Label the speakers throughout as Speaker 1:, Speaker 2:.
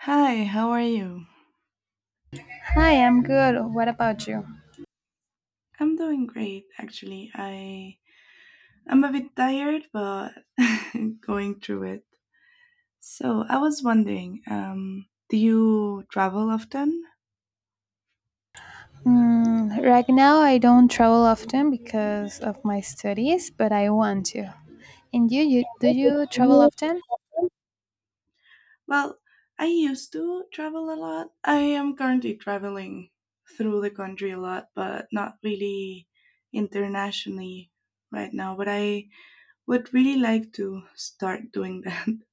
Speaker 1: Hi, how are you?
Speaker 2: Hi, I'm good. What about you?
Speaker 1: I'm doing great, actually. I'm a bit tired, but going through it. So I was wondering, do you travel often?
Speaker 2: Mm, right now, I don't travel often because of my studies, but I want to. And you do you travel often?
Speaker 1: Well, I used to travel a lot. I am currently traveling through the country a lot, but not really internationally right now. But I would really like to start doing that.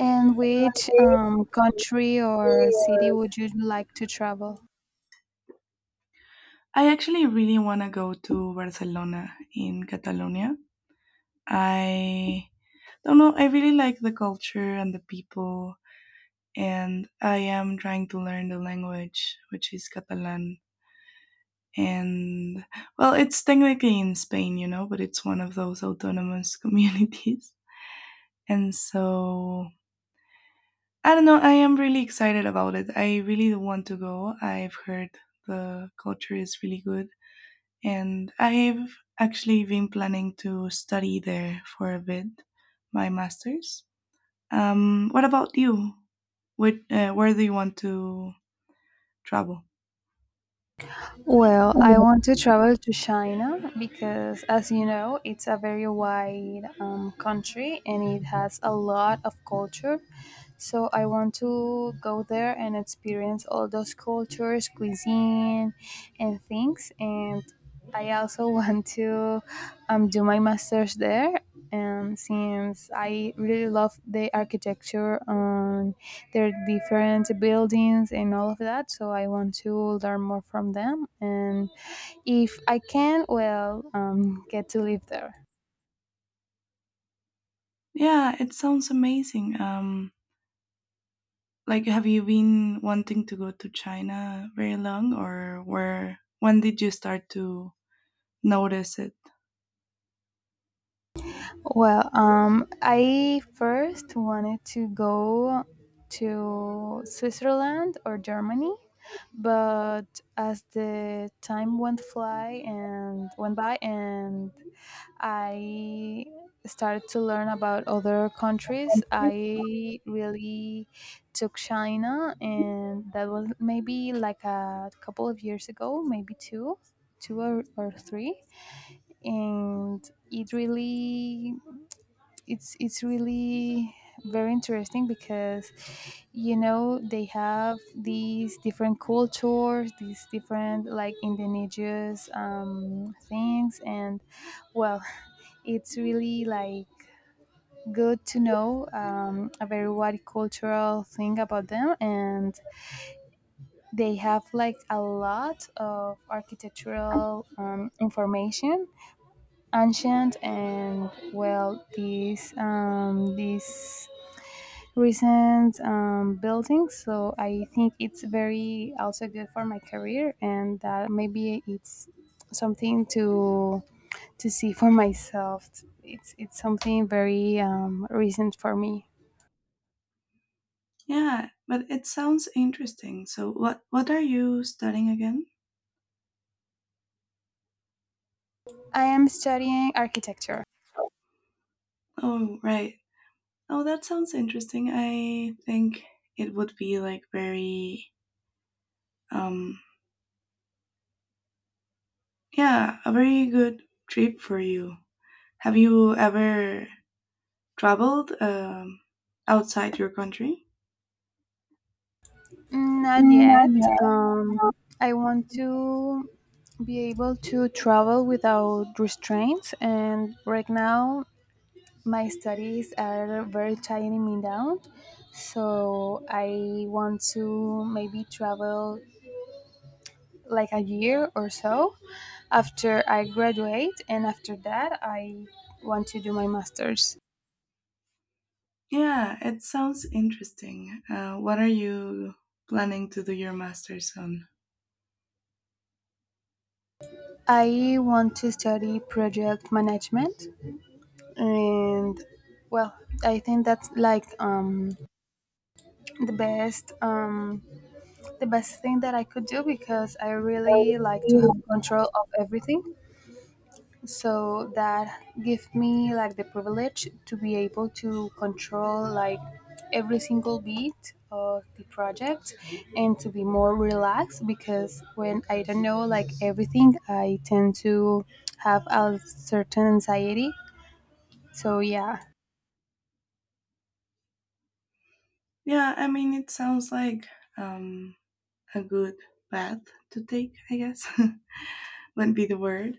Speaker 2: And which country or city would you like to travel?
Speaker 1: I actually really want to go to Barcelona in Catalonia. I don't know. I really like the culture and the people, and I am trying to learn the language, which is Catalan. And well, it's technically in Spain, you know, but it's one of those autonomous communities. And so I don't know. I am really excited about it. I really want to go. I've heard the culture is really good, and I've actually been planning to study there for a bit, my master's. What about you? What, where do you want to travel?
Speaker 2: Well, I want to travel to China because, as you know, it's a very wide country and it has a lot of culture. So I want to go there and experience all those cultures, cuisine, and things. And I also want to do my master's there. And since I really love the architecture on their different buildings and all of that, so I want to learn more from them. And if I can, well, get to live there.
Speaker 1: Yeah, it sounds amazing. Like, have you been wanting to go to China very long, or where? When did you start to notice it?
Speaker 2: Well, I first wanted to go to Switzerland or Germany, but as the time went fly and went by, and I started to learn about other countries, I really took China, and that was maybe like a couple of years ago, maybe two or three, and it's really very interesting because you know they have these different cultures these different like indigenous things. And well, it's really like good to know a very wide cultural thing about them, and they have like a lot of architectural information, ancient, and well, these recent buildings. So I think it's very also good for my career, and that maybe it's something to see for myself. It's something very recent for me.
Speaker 1: Yeah, but it sounds interesting. So, what are you studying again?
Speaker 2: I am studying architecture.
Speaker 1: Oh, right. Oh, that sounds interesting. I think it would be like very, um, yeah, a very good trip for you. Have you ever traveled outside your country?
Speaker 2: Not
Speaker 1: Not
Speaker 2: yet.
Speaker 1: yet.
Speaker 2: I want to be able to travel without restraints, and right now my studies are very tying me down, so I want to maybe travel like a year or so after I graduate, and after that I want to do my masters.
Speaker 1: Yeah, it sounds interesting. What are you planning to do your master's on?
Speaker 2: I want to study project management, and well, I think that's like the best um, the best thing that I could do because I
Speaker 1: I
Speaker 2: really like to
Speaker 1: really
Speaker 2: have
Speaker 1: like-
Speaker 2: control of everything, so that give me like the privilege to be able to control like every single beat of the project, and to be more relaxed because when I don't know like everything, I tend to have a certain anxiety, so yeah.
Speaker 1: Yeah, I mean, it sounds like um, a good path to take, I guess, wouldn't be the word.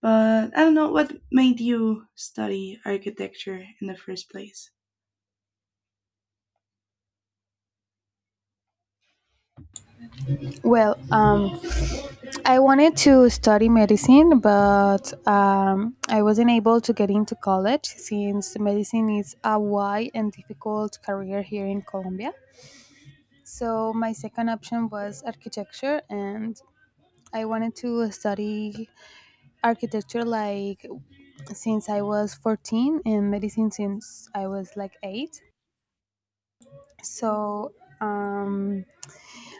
Speaker 1: But I don't know what made you study architecture in the first place.
Speaker 2: Well, I wanted to study medicine, but I wasn't able to get into college since medicine is a wide and difficult career here in Colombia. So my second option was architecture, and I wanted to study architecture like since I was 14 and medicine since I was like 8. So um,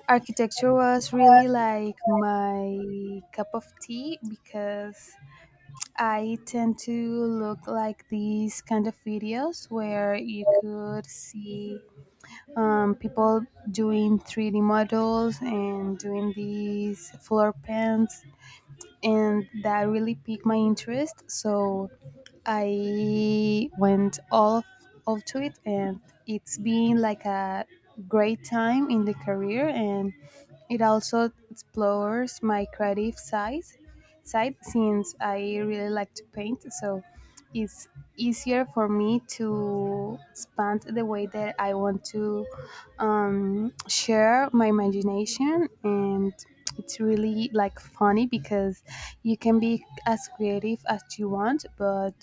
Speaker 2: architecture was really like my cup of tea because I tend to look like these kind of videos where you could see people doing 3D models and doing these floor plans, and that really piqued my interest. So I went all to it, and it's been like a great time in the career, and it also explores my creative size side since I really like to paint, so it's easier for me to expand the way that I want to share my imagination. And it's really like funny because you can be as creative as you want, but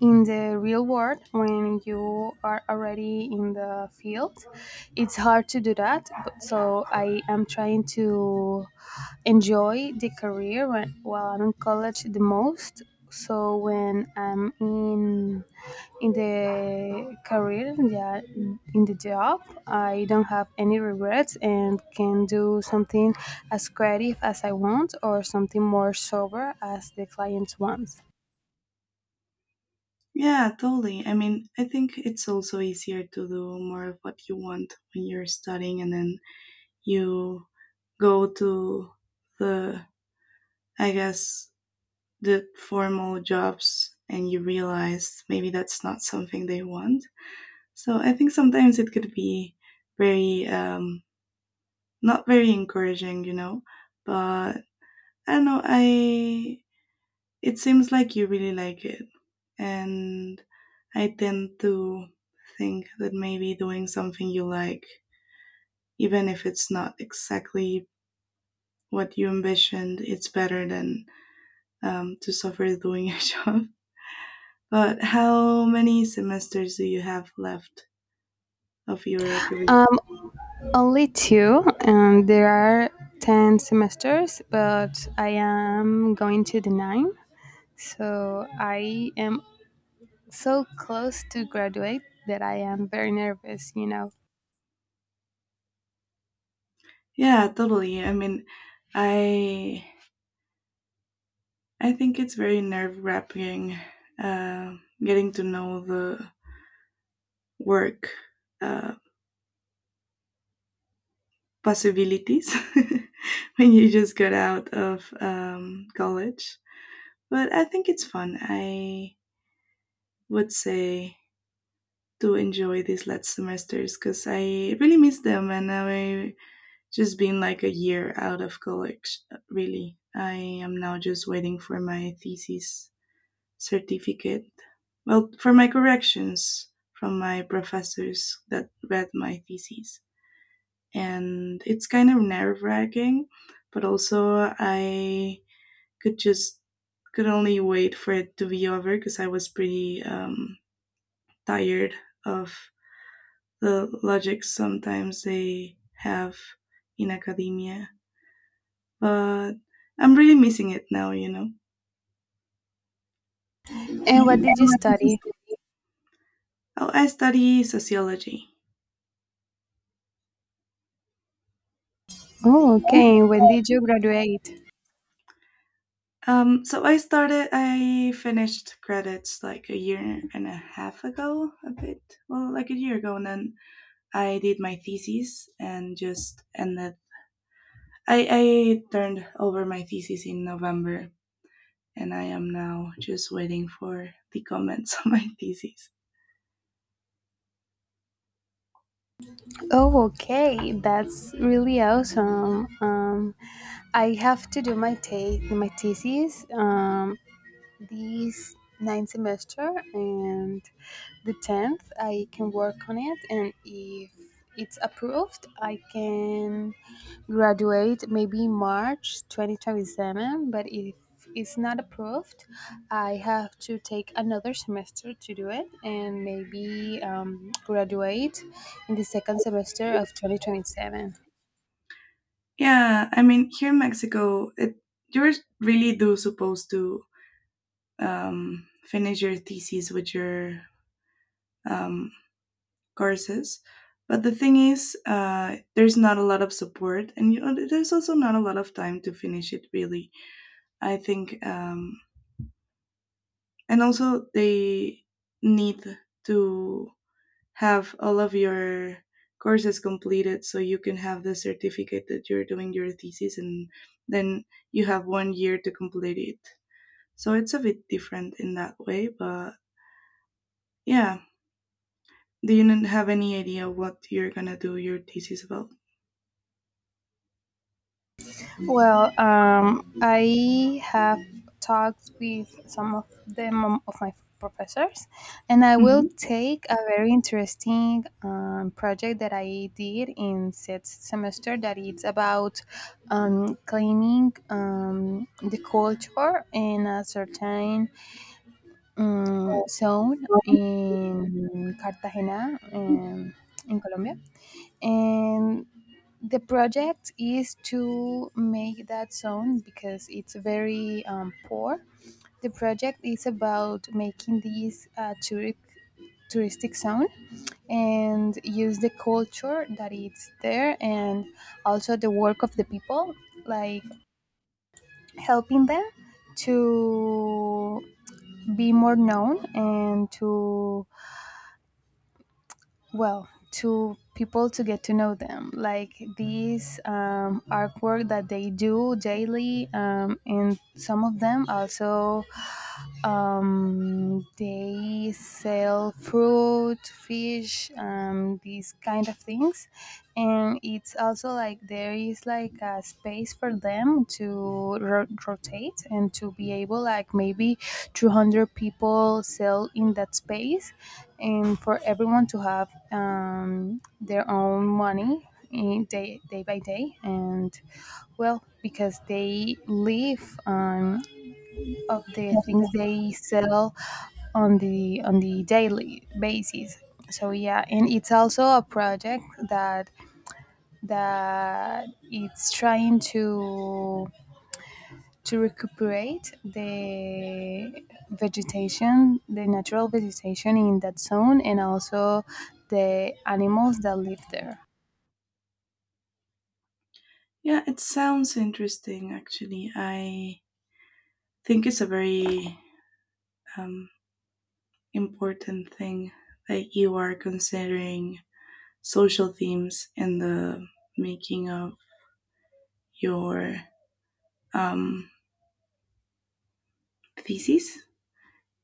Speaker 2: in the real world when you are already in the field, it's hard to do that. But so I am trying to enjoy the career while I'm in college the most, so when I'm in the career, yeah, in the job, I don't have any regrets and can do something as creative as I want or something more sober as the client wants.
Speaker 1: Yeah, totally. I mean, I think it's also easier to do more of what you want when you're studying and then you go to the, I guess, the formal jobs, and you realize maybe that's not something they want. So I think sometimes it could be very, not very encouraging, you know, but I don't know. I It seems like you really like it, and I tend to think that maybe doing something you like, even if it's not exactly what you envisioned, it's better than to suffer doing a job. But how many semesters do you have left of your career?
Speaker 2: um, Only two, and there are 10 semesters, but I am going to the nine. So I am so close to graduate that I am very nervous.
Speaker 1: Yeah, totally. I mean, I I think it's very nerve wracking, uh, getting to know the work, uh, possibilities when you just got out of college. But I think it's fun. I would say to enjoy these last semesters because I really miss them, and I just been like a year out of college, really. I am now just waiting for my thesis certificate. Well, for my corrections from my professors that read my thesis, and it's kind of nerve wracking, but also I could just could only wait for it to be over because I was pretty tired of the logic sometimes they have in academia. But I'm really missing it now, you know.
Speaker 2: And
Speaker 1: And
Speaker 2: what did you
Speaker 1: what did you
Speaker 2: study?
Speaker 1: stu- Oh, I study sociology.
Speaker 2: Oh, okay. When did you graduate?
Speaker 1: I finished credits like a year and a half ago, a bit, well, like a year ago, and then I did my thesis and just ended. I turned over my thesis in November, and I am now just waiting for the comments on my thesis.
Speaker 2: Oh, okay. That's really awesome. I have to do my my thesis this ninth semester, and the tenth I can work on it, and if it's approved I can graduate maybe March 2027, but if it's not approved I have to take another semester to do it and maybe graduate in the second semester of 2027.
Speaker 1: Yeah, I mean, here in Mexico, you're really do supposed to finish your thesis with your um, courses. But the thing is, there's not a lot of support, and there's also not a lot of time to finish it. Really, I think, and also they need to have all of your courses completed so you can have the certificate that you're doing your thesis, and then you have 1 year to complete it. So it's a bit different in that way, but yeah, do you n- have any idea what you're gonna do your thesis about?
Speaker 2: Well, I have talked with some of them of my professors, and I will
Speaker 1: Hmm.
Speaker 2: take a very interesting project that I did in sixth semester that it's about claiming the culture in a certain zone in Cartagena, in Colombia, and the project is to make that zone because it's very poor. The project is about making this touristic zone and use the culture that it's there and also the work of the people, like helping them to be more known, and to, well, to people to get to know them like these artwork that they do daily, and some of them also they sell fruit, fish, these kind of things, and it's also like there is like a space for them to rotate and to be able like maybe 200 people sell in that space, and for everyone to have their own money in day by day, and well, because they live of the things they sell on the daily basis. So yeah, and it's also a project that that it's trying to recuperate the natural vegetation in that zone and also the animals that live there.
Speaker 1: Yeah, it sounds interesting. Actually, I think it's a very, um, important thing that you are considering social themes in the making of your, um, thesis.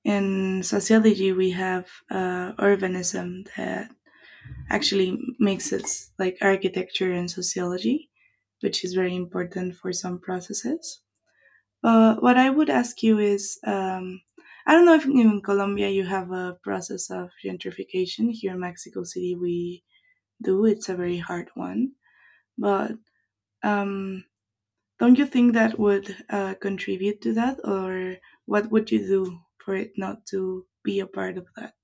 Speaker 1: In sociology, we have urbanism that actually makes it like architecture and sociology, which is very important for some processes. What I would ask you is, I don't know if in Colombia you have a process of gentrification. Here in Mexico City, we do. It's a very hard one. But um, don't you think that would contribute to that, or what would you do for it not to be a part of that?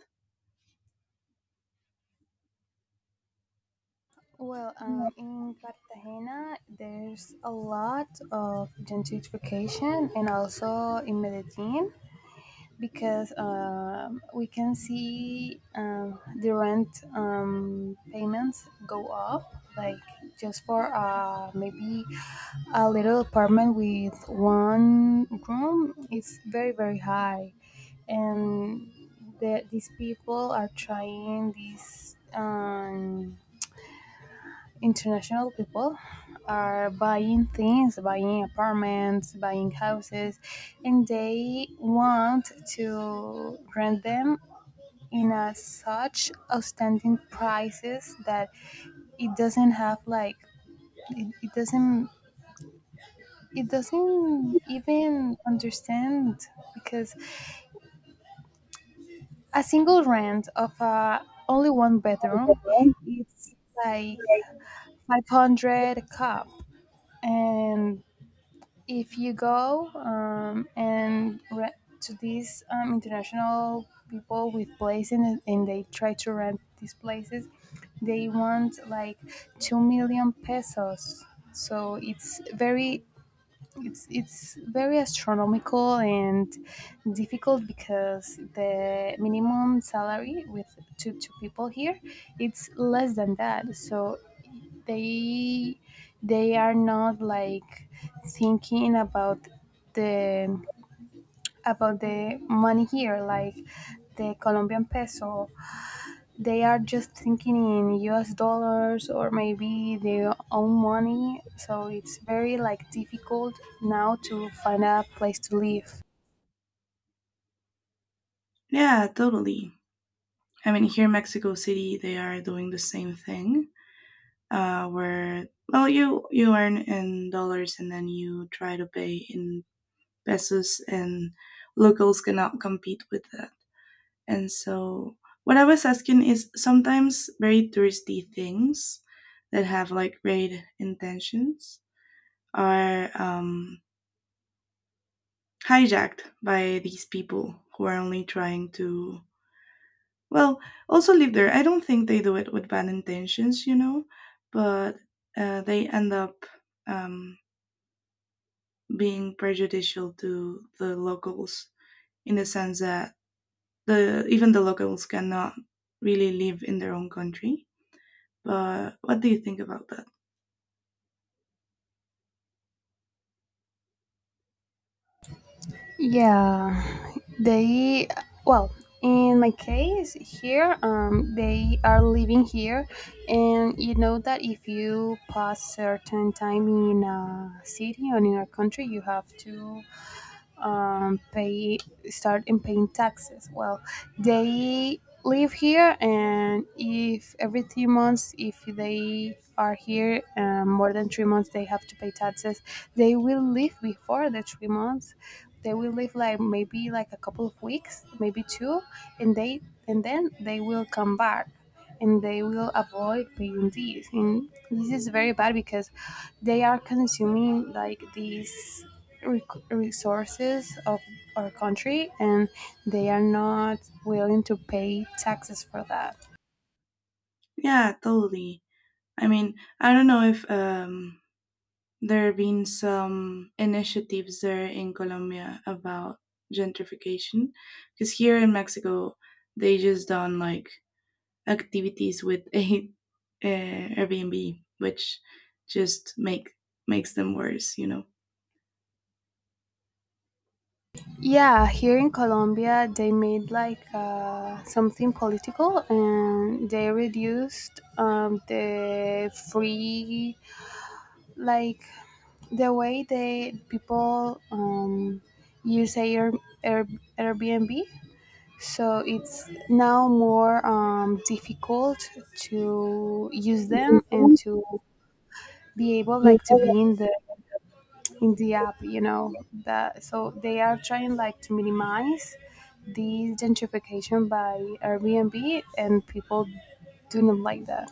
Speaker 2: Well, in Cartagena there's a lot of gentrification, and also in medellin because we can see the rent payments go up like just for maybe a little apartment with one room, it's very very high. And these people are trying, these international people are buying things, buying apartments, buying houses, and they want to rent them in a such outstanding prices that it doesn't have like, it, it doesn't it doesn't even understand, because a single rent of a only one bedroom, it's like 500 a cup. And if you go and to these international people with places, and they try to rent these places, they want like 2 million pesos. So it's very, it's very astronomical and difficult because the minimum salary with two people here, it's less than that. So they they are not like thinking the about the money here, like the Colombian peso, they are just thinking in US dollars or maybe their own money. So it's very like difficult now to find a place to live.
Speaker 1: Yeah, totally. I mean, here in Mexico City, they are doing the same thing, where well, you earn in dollars and then you try to pay in pesos, and locals cannot compete with that. And so, what I was asking is sometimes very touristy things that have like great intentions are hijacked by these people who are only trying to well also live there. I don't think they do it with bad intentions, you know, but they end up um, being prejudicial to the locals in the sense that the even the locals cannot really live in their own country. But what do you think about that?
Speaker 2: Yeah, they well, in my case here, they are living here, and you know that if you pass certain time in a city or in a country, you have to pay start in paying taxes. Well, they live here, and if every 3 months, if they are here more than 3 months, they have to pay taxes. They will leave before the 3 months. They will leave like maybe like a couple of weeks, maybe two, and they and then they will come back. And they will avoid paying these. And this is very bad because they are consuming like these resources of our country, and they are not willing to pay taxes for that.
Speaker 1: Yeah, totally. I mean, I don't know if there have been some initiatives there in Colombia about gentrification, because here in Mexico they just done like activities with uh Airbnb, which just makes them worse, you know.
Speaker 2: Yeah, here in Colombia, they made like something political, and they reduced the free, like the way they people use Air, Airbnb. So it's now more difficult to use them and to be able like to be in the app. You know the so they are trying like to minimize the gentrification by Airbnb, and people do not like that.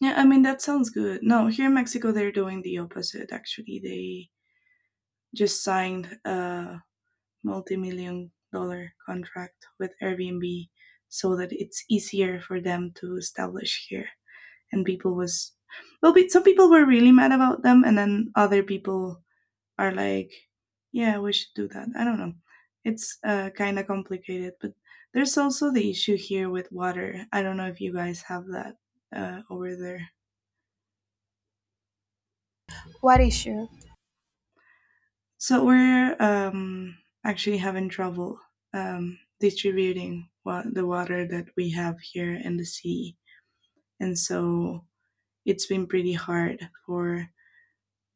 Speaker 1: Yeah, I mean, that sounds good. No, here in Mexico they're doing the opposite. Actually, they just signed a multi-million-dollar contract with Airbnb so that it's easier for them to establish here. And people was, well, some people were really mad about them, and then other people are like, yeah, we should do that. I don't know. It's kind of complicated, but there's also the issue here with water. I don't know if you guys have that over there.
Speaker 2: What issue?
Speaker 1: So we're actually having trouble distributing wa- the water that we have here in the sea. And so it's been pretty hard for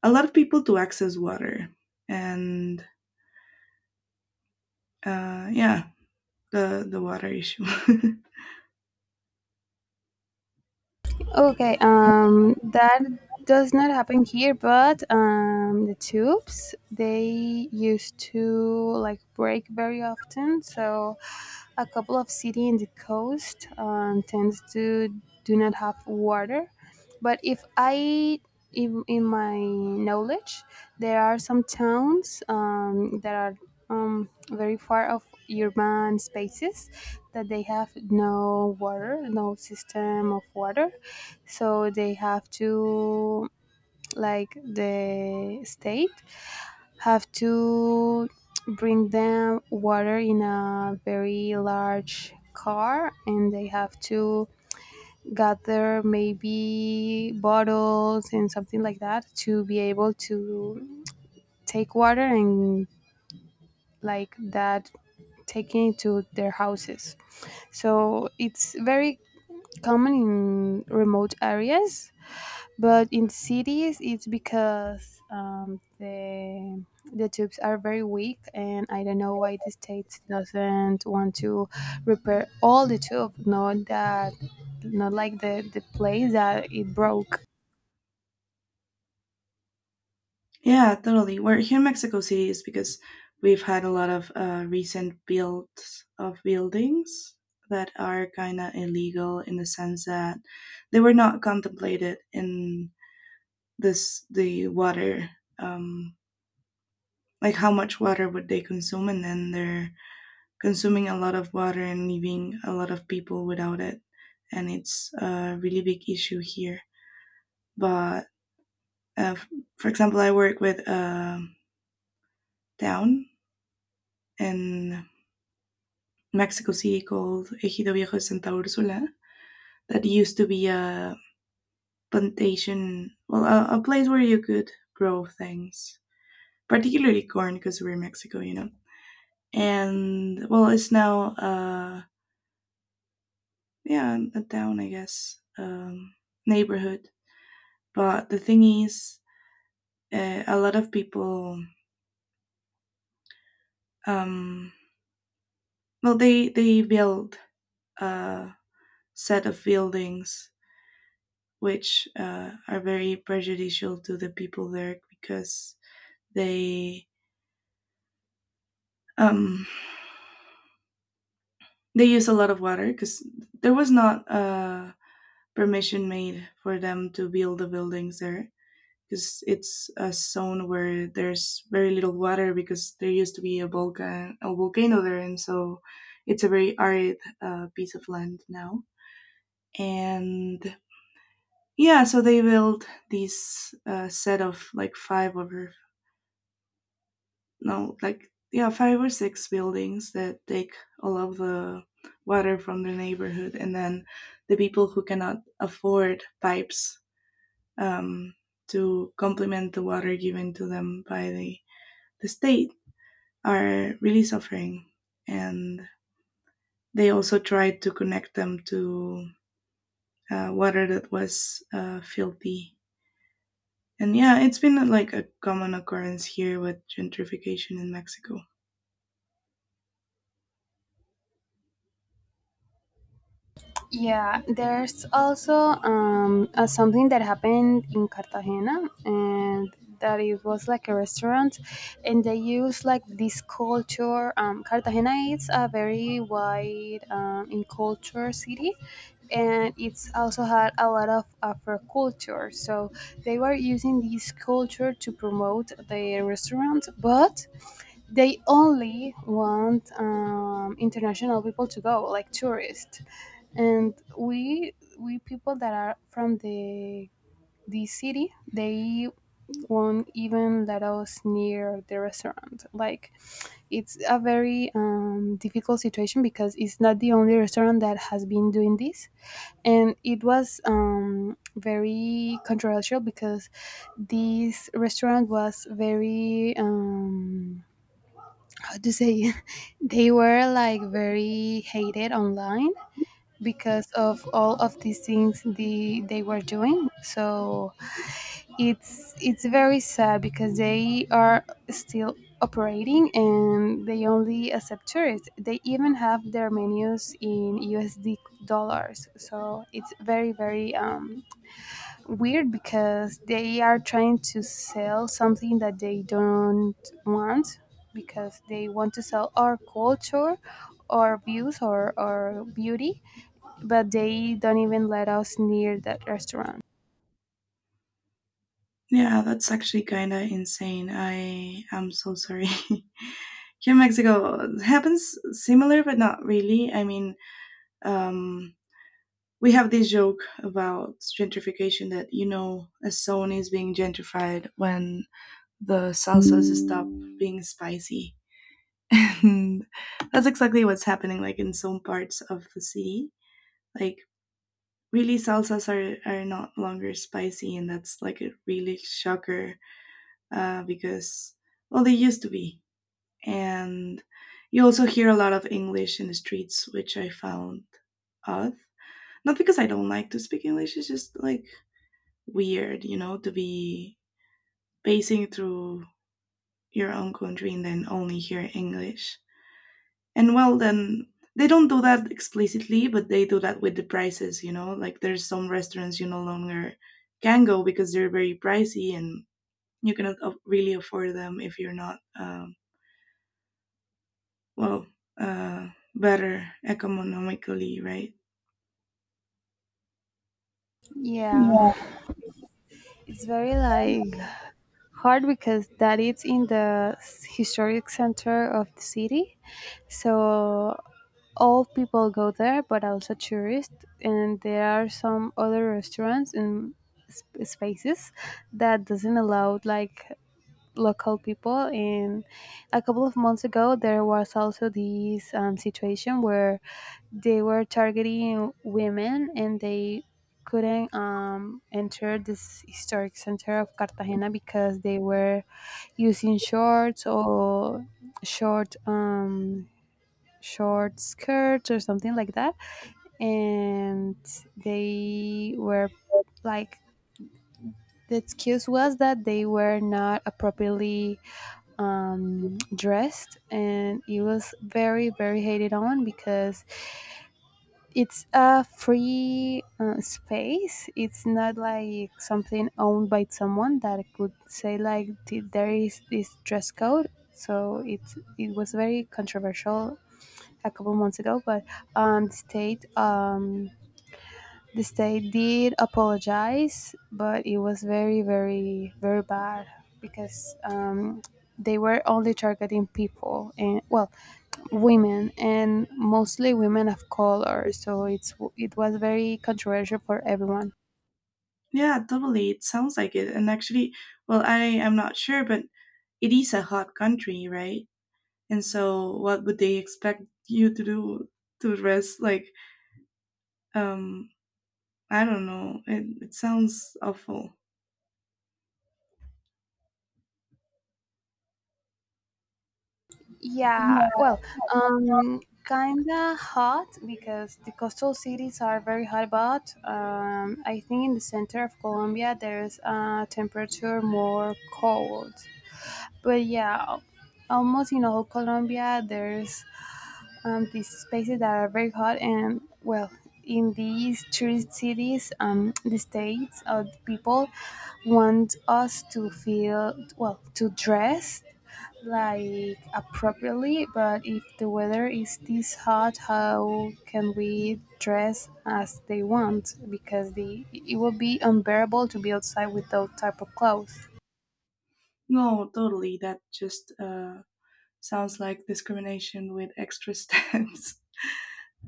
Speaker 1: a lot of people to access water. And yeah, the water issue.
Speaker 2: Okay, that does not happen here, but the tubes they used to like break very often. So, a couple of city in the coast tends to do not have water. But if I, in my knowledge, there are some towns that are very far of urban spaces that they have no water, no system of water, so they have to, like the state have to, bring them water in a very large car, and they have to gather maybe bottles and something like that to be able to take water and like that, taking it to their houses. So it's very common in remote areas, but in cities it's because the tubes are very weak, and I don't know why the state doesn't want to repair all the tube, not like the place that it broke.
Speaker 1: Yeah, totally. We're here in Mexico City is because we've had a lot of recent builds of buildings that are kind of illegal in the sense that they were not contemplated in this the water, um, like how much water would they consume, and then they're consuming a lot of water and leaving a lot of people without it. And it's a really big issue here, but Uh, for example, I work with a town in Mexico City called Ejido Viejo de Santa Ursula that used to be a plantation, well, a place where you could grow things, particularly corn because we're in Mexico, you know. And well, it's now yeah, a town, I guess, neighborhood. But the thing is, a lot of people, um, well, they build a set of buildings which are very prejudicial to the people there because they, um, they use a lot of water because there was not permission made for them to build the buildings there, because it's a zone where there's very little water because there used to be a volcano there. And so it's a very arid piece of land now. And yeah, so they built this set of like five or no, like yeah, five or six buildings that take all of the water from the neighborhood, and then the people who cannot afford pipes, um, to complement the water given to them by the state are really suffering. And they also tried to connect them to water that was filthy. And yeah, it's been like a common occurrence here with gentrification in Mexico.
Speaker 2: Yeah, there's also something that happened in Cartagena, and that it was like a restaurant, and they use like this culture. Cartagena is a very wide in culture city, and it's also had a lot of Afro culture. So they were using this culture to promote the restaurant, but they only want international people to go, like tourists. And we people that are from the city, they won't even let us near the restaurant. Like, it's a very difficult situation because it's not the only restaurant that has been doing this, and it was very controversial because this restaurant was very, how to say, they were like very hated online because of all of these things they were doing. So it's very sad because they are still operating, and they only accept tourists. They even have their menus in USD dollars. So it's very very weird because they are trying to sell something that they don't want, because they want to sell our culture, our views, or our beauty, but they don't even let us near that restaurant.
Speaker 1: Yeah, that's actually kind of insane. I am so sorry. Here in Mexico, it happens similar, but not really. I mean, um, we have this joke about gentrification that, you know, a zone is being gentrified when the salsas stop being spicy. And that's exactly what's happening, like in some parts of the city. Like, really, salsas are not longer spicy, and that's like a really shocker, because well, they used to be. And you also hear a lot of English in the streets, which I found odd, not because I don't like to speak English, it's just like weird, you know, to be pacing through your own country and then only hear English. And well, then they don't do that explicitly, but they do that with the prices, you know, like there's some restaurants you no longer can go because they're very pricey, and you cannot really afford them if you're not well uh better economically, right?
Speaker 2: Yeah, it's very like hard because that it's in the historic center of the city, so all people go there, but also tourists. And there are some other restaurants and spaces that doesn't allow like local people. And a couple of months ago, there was also this situation where they were targeting women, and they couldn't enter this historic center of Cartagena because they were using shorts or short um, short skirts or something like that. And they were like, the excuse was that they were not appropriately dressed, and it was very, very hated on because it's a free space. It's not like something owned by someone that could say like, there is this dress code." So it was very controversial a couple months ago, but um, the state um, the state did apologize, but it was very, very, very bad because they were only targeting people and, well, women, and mostly women of color. So it was very controversial for everyone.
Speaker 1: Yeah, totally, it sounds like it. And actually, well, I am not sure, but it is a hot country, right? And so what would they expect you to do, to rest like um I don't know, it sounds awful.
Speaker 2: Yeah, well, um, kinda hot because the coastal cities are very hot, but I think in the center of Colombia there's a temperature more cold. But yeah, almost in all Colombia there's these spaces that are very hot, and well, in these tourist cities the states of the people want us to feel well to dress like appropriately, but if the weather is this hot, how can we dress as they want because the it will be unbearable to be outside with those type of clothes.
Speaker 1: No, totally, that just sounds like discrimination with extra steps.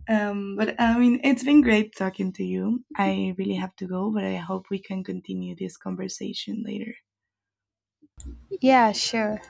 Speaker 1: But I mean, it's been great talking to you. I really have to go, but I hope we can continue this conversation later.
Speaker 2: Yeah, sure.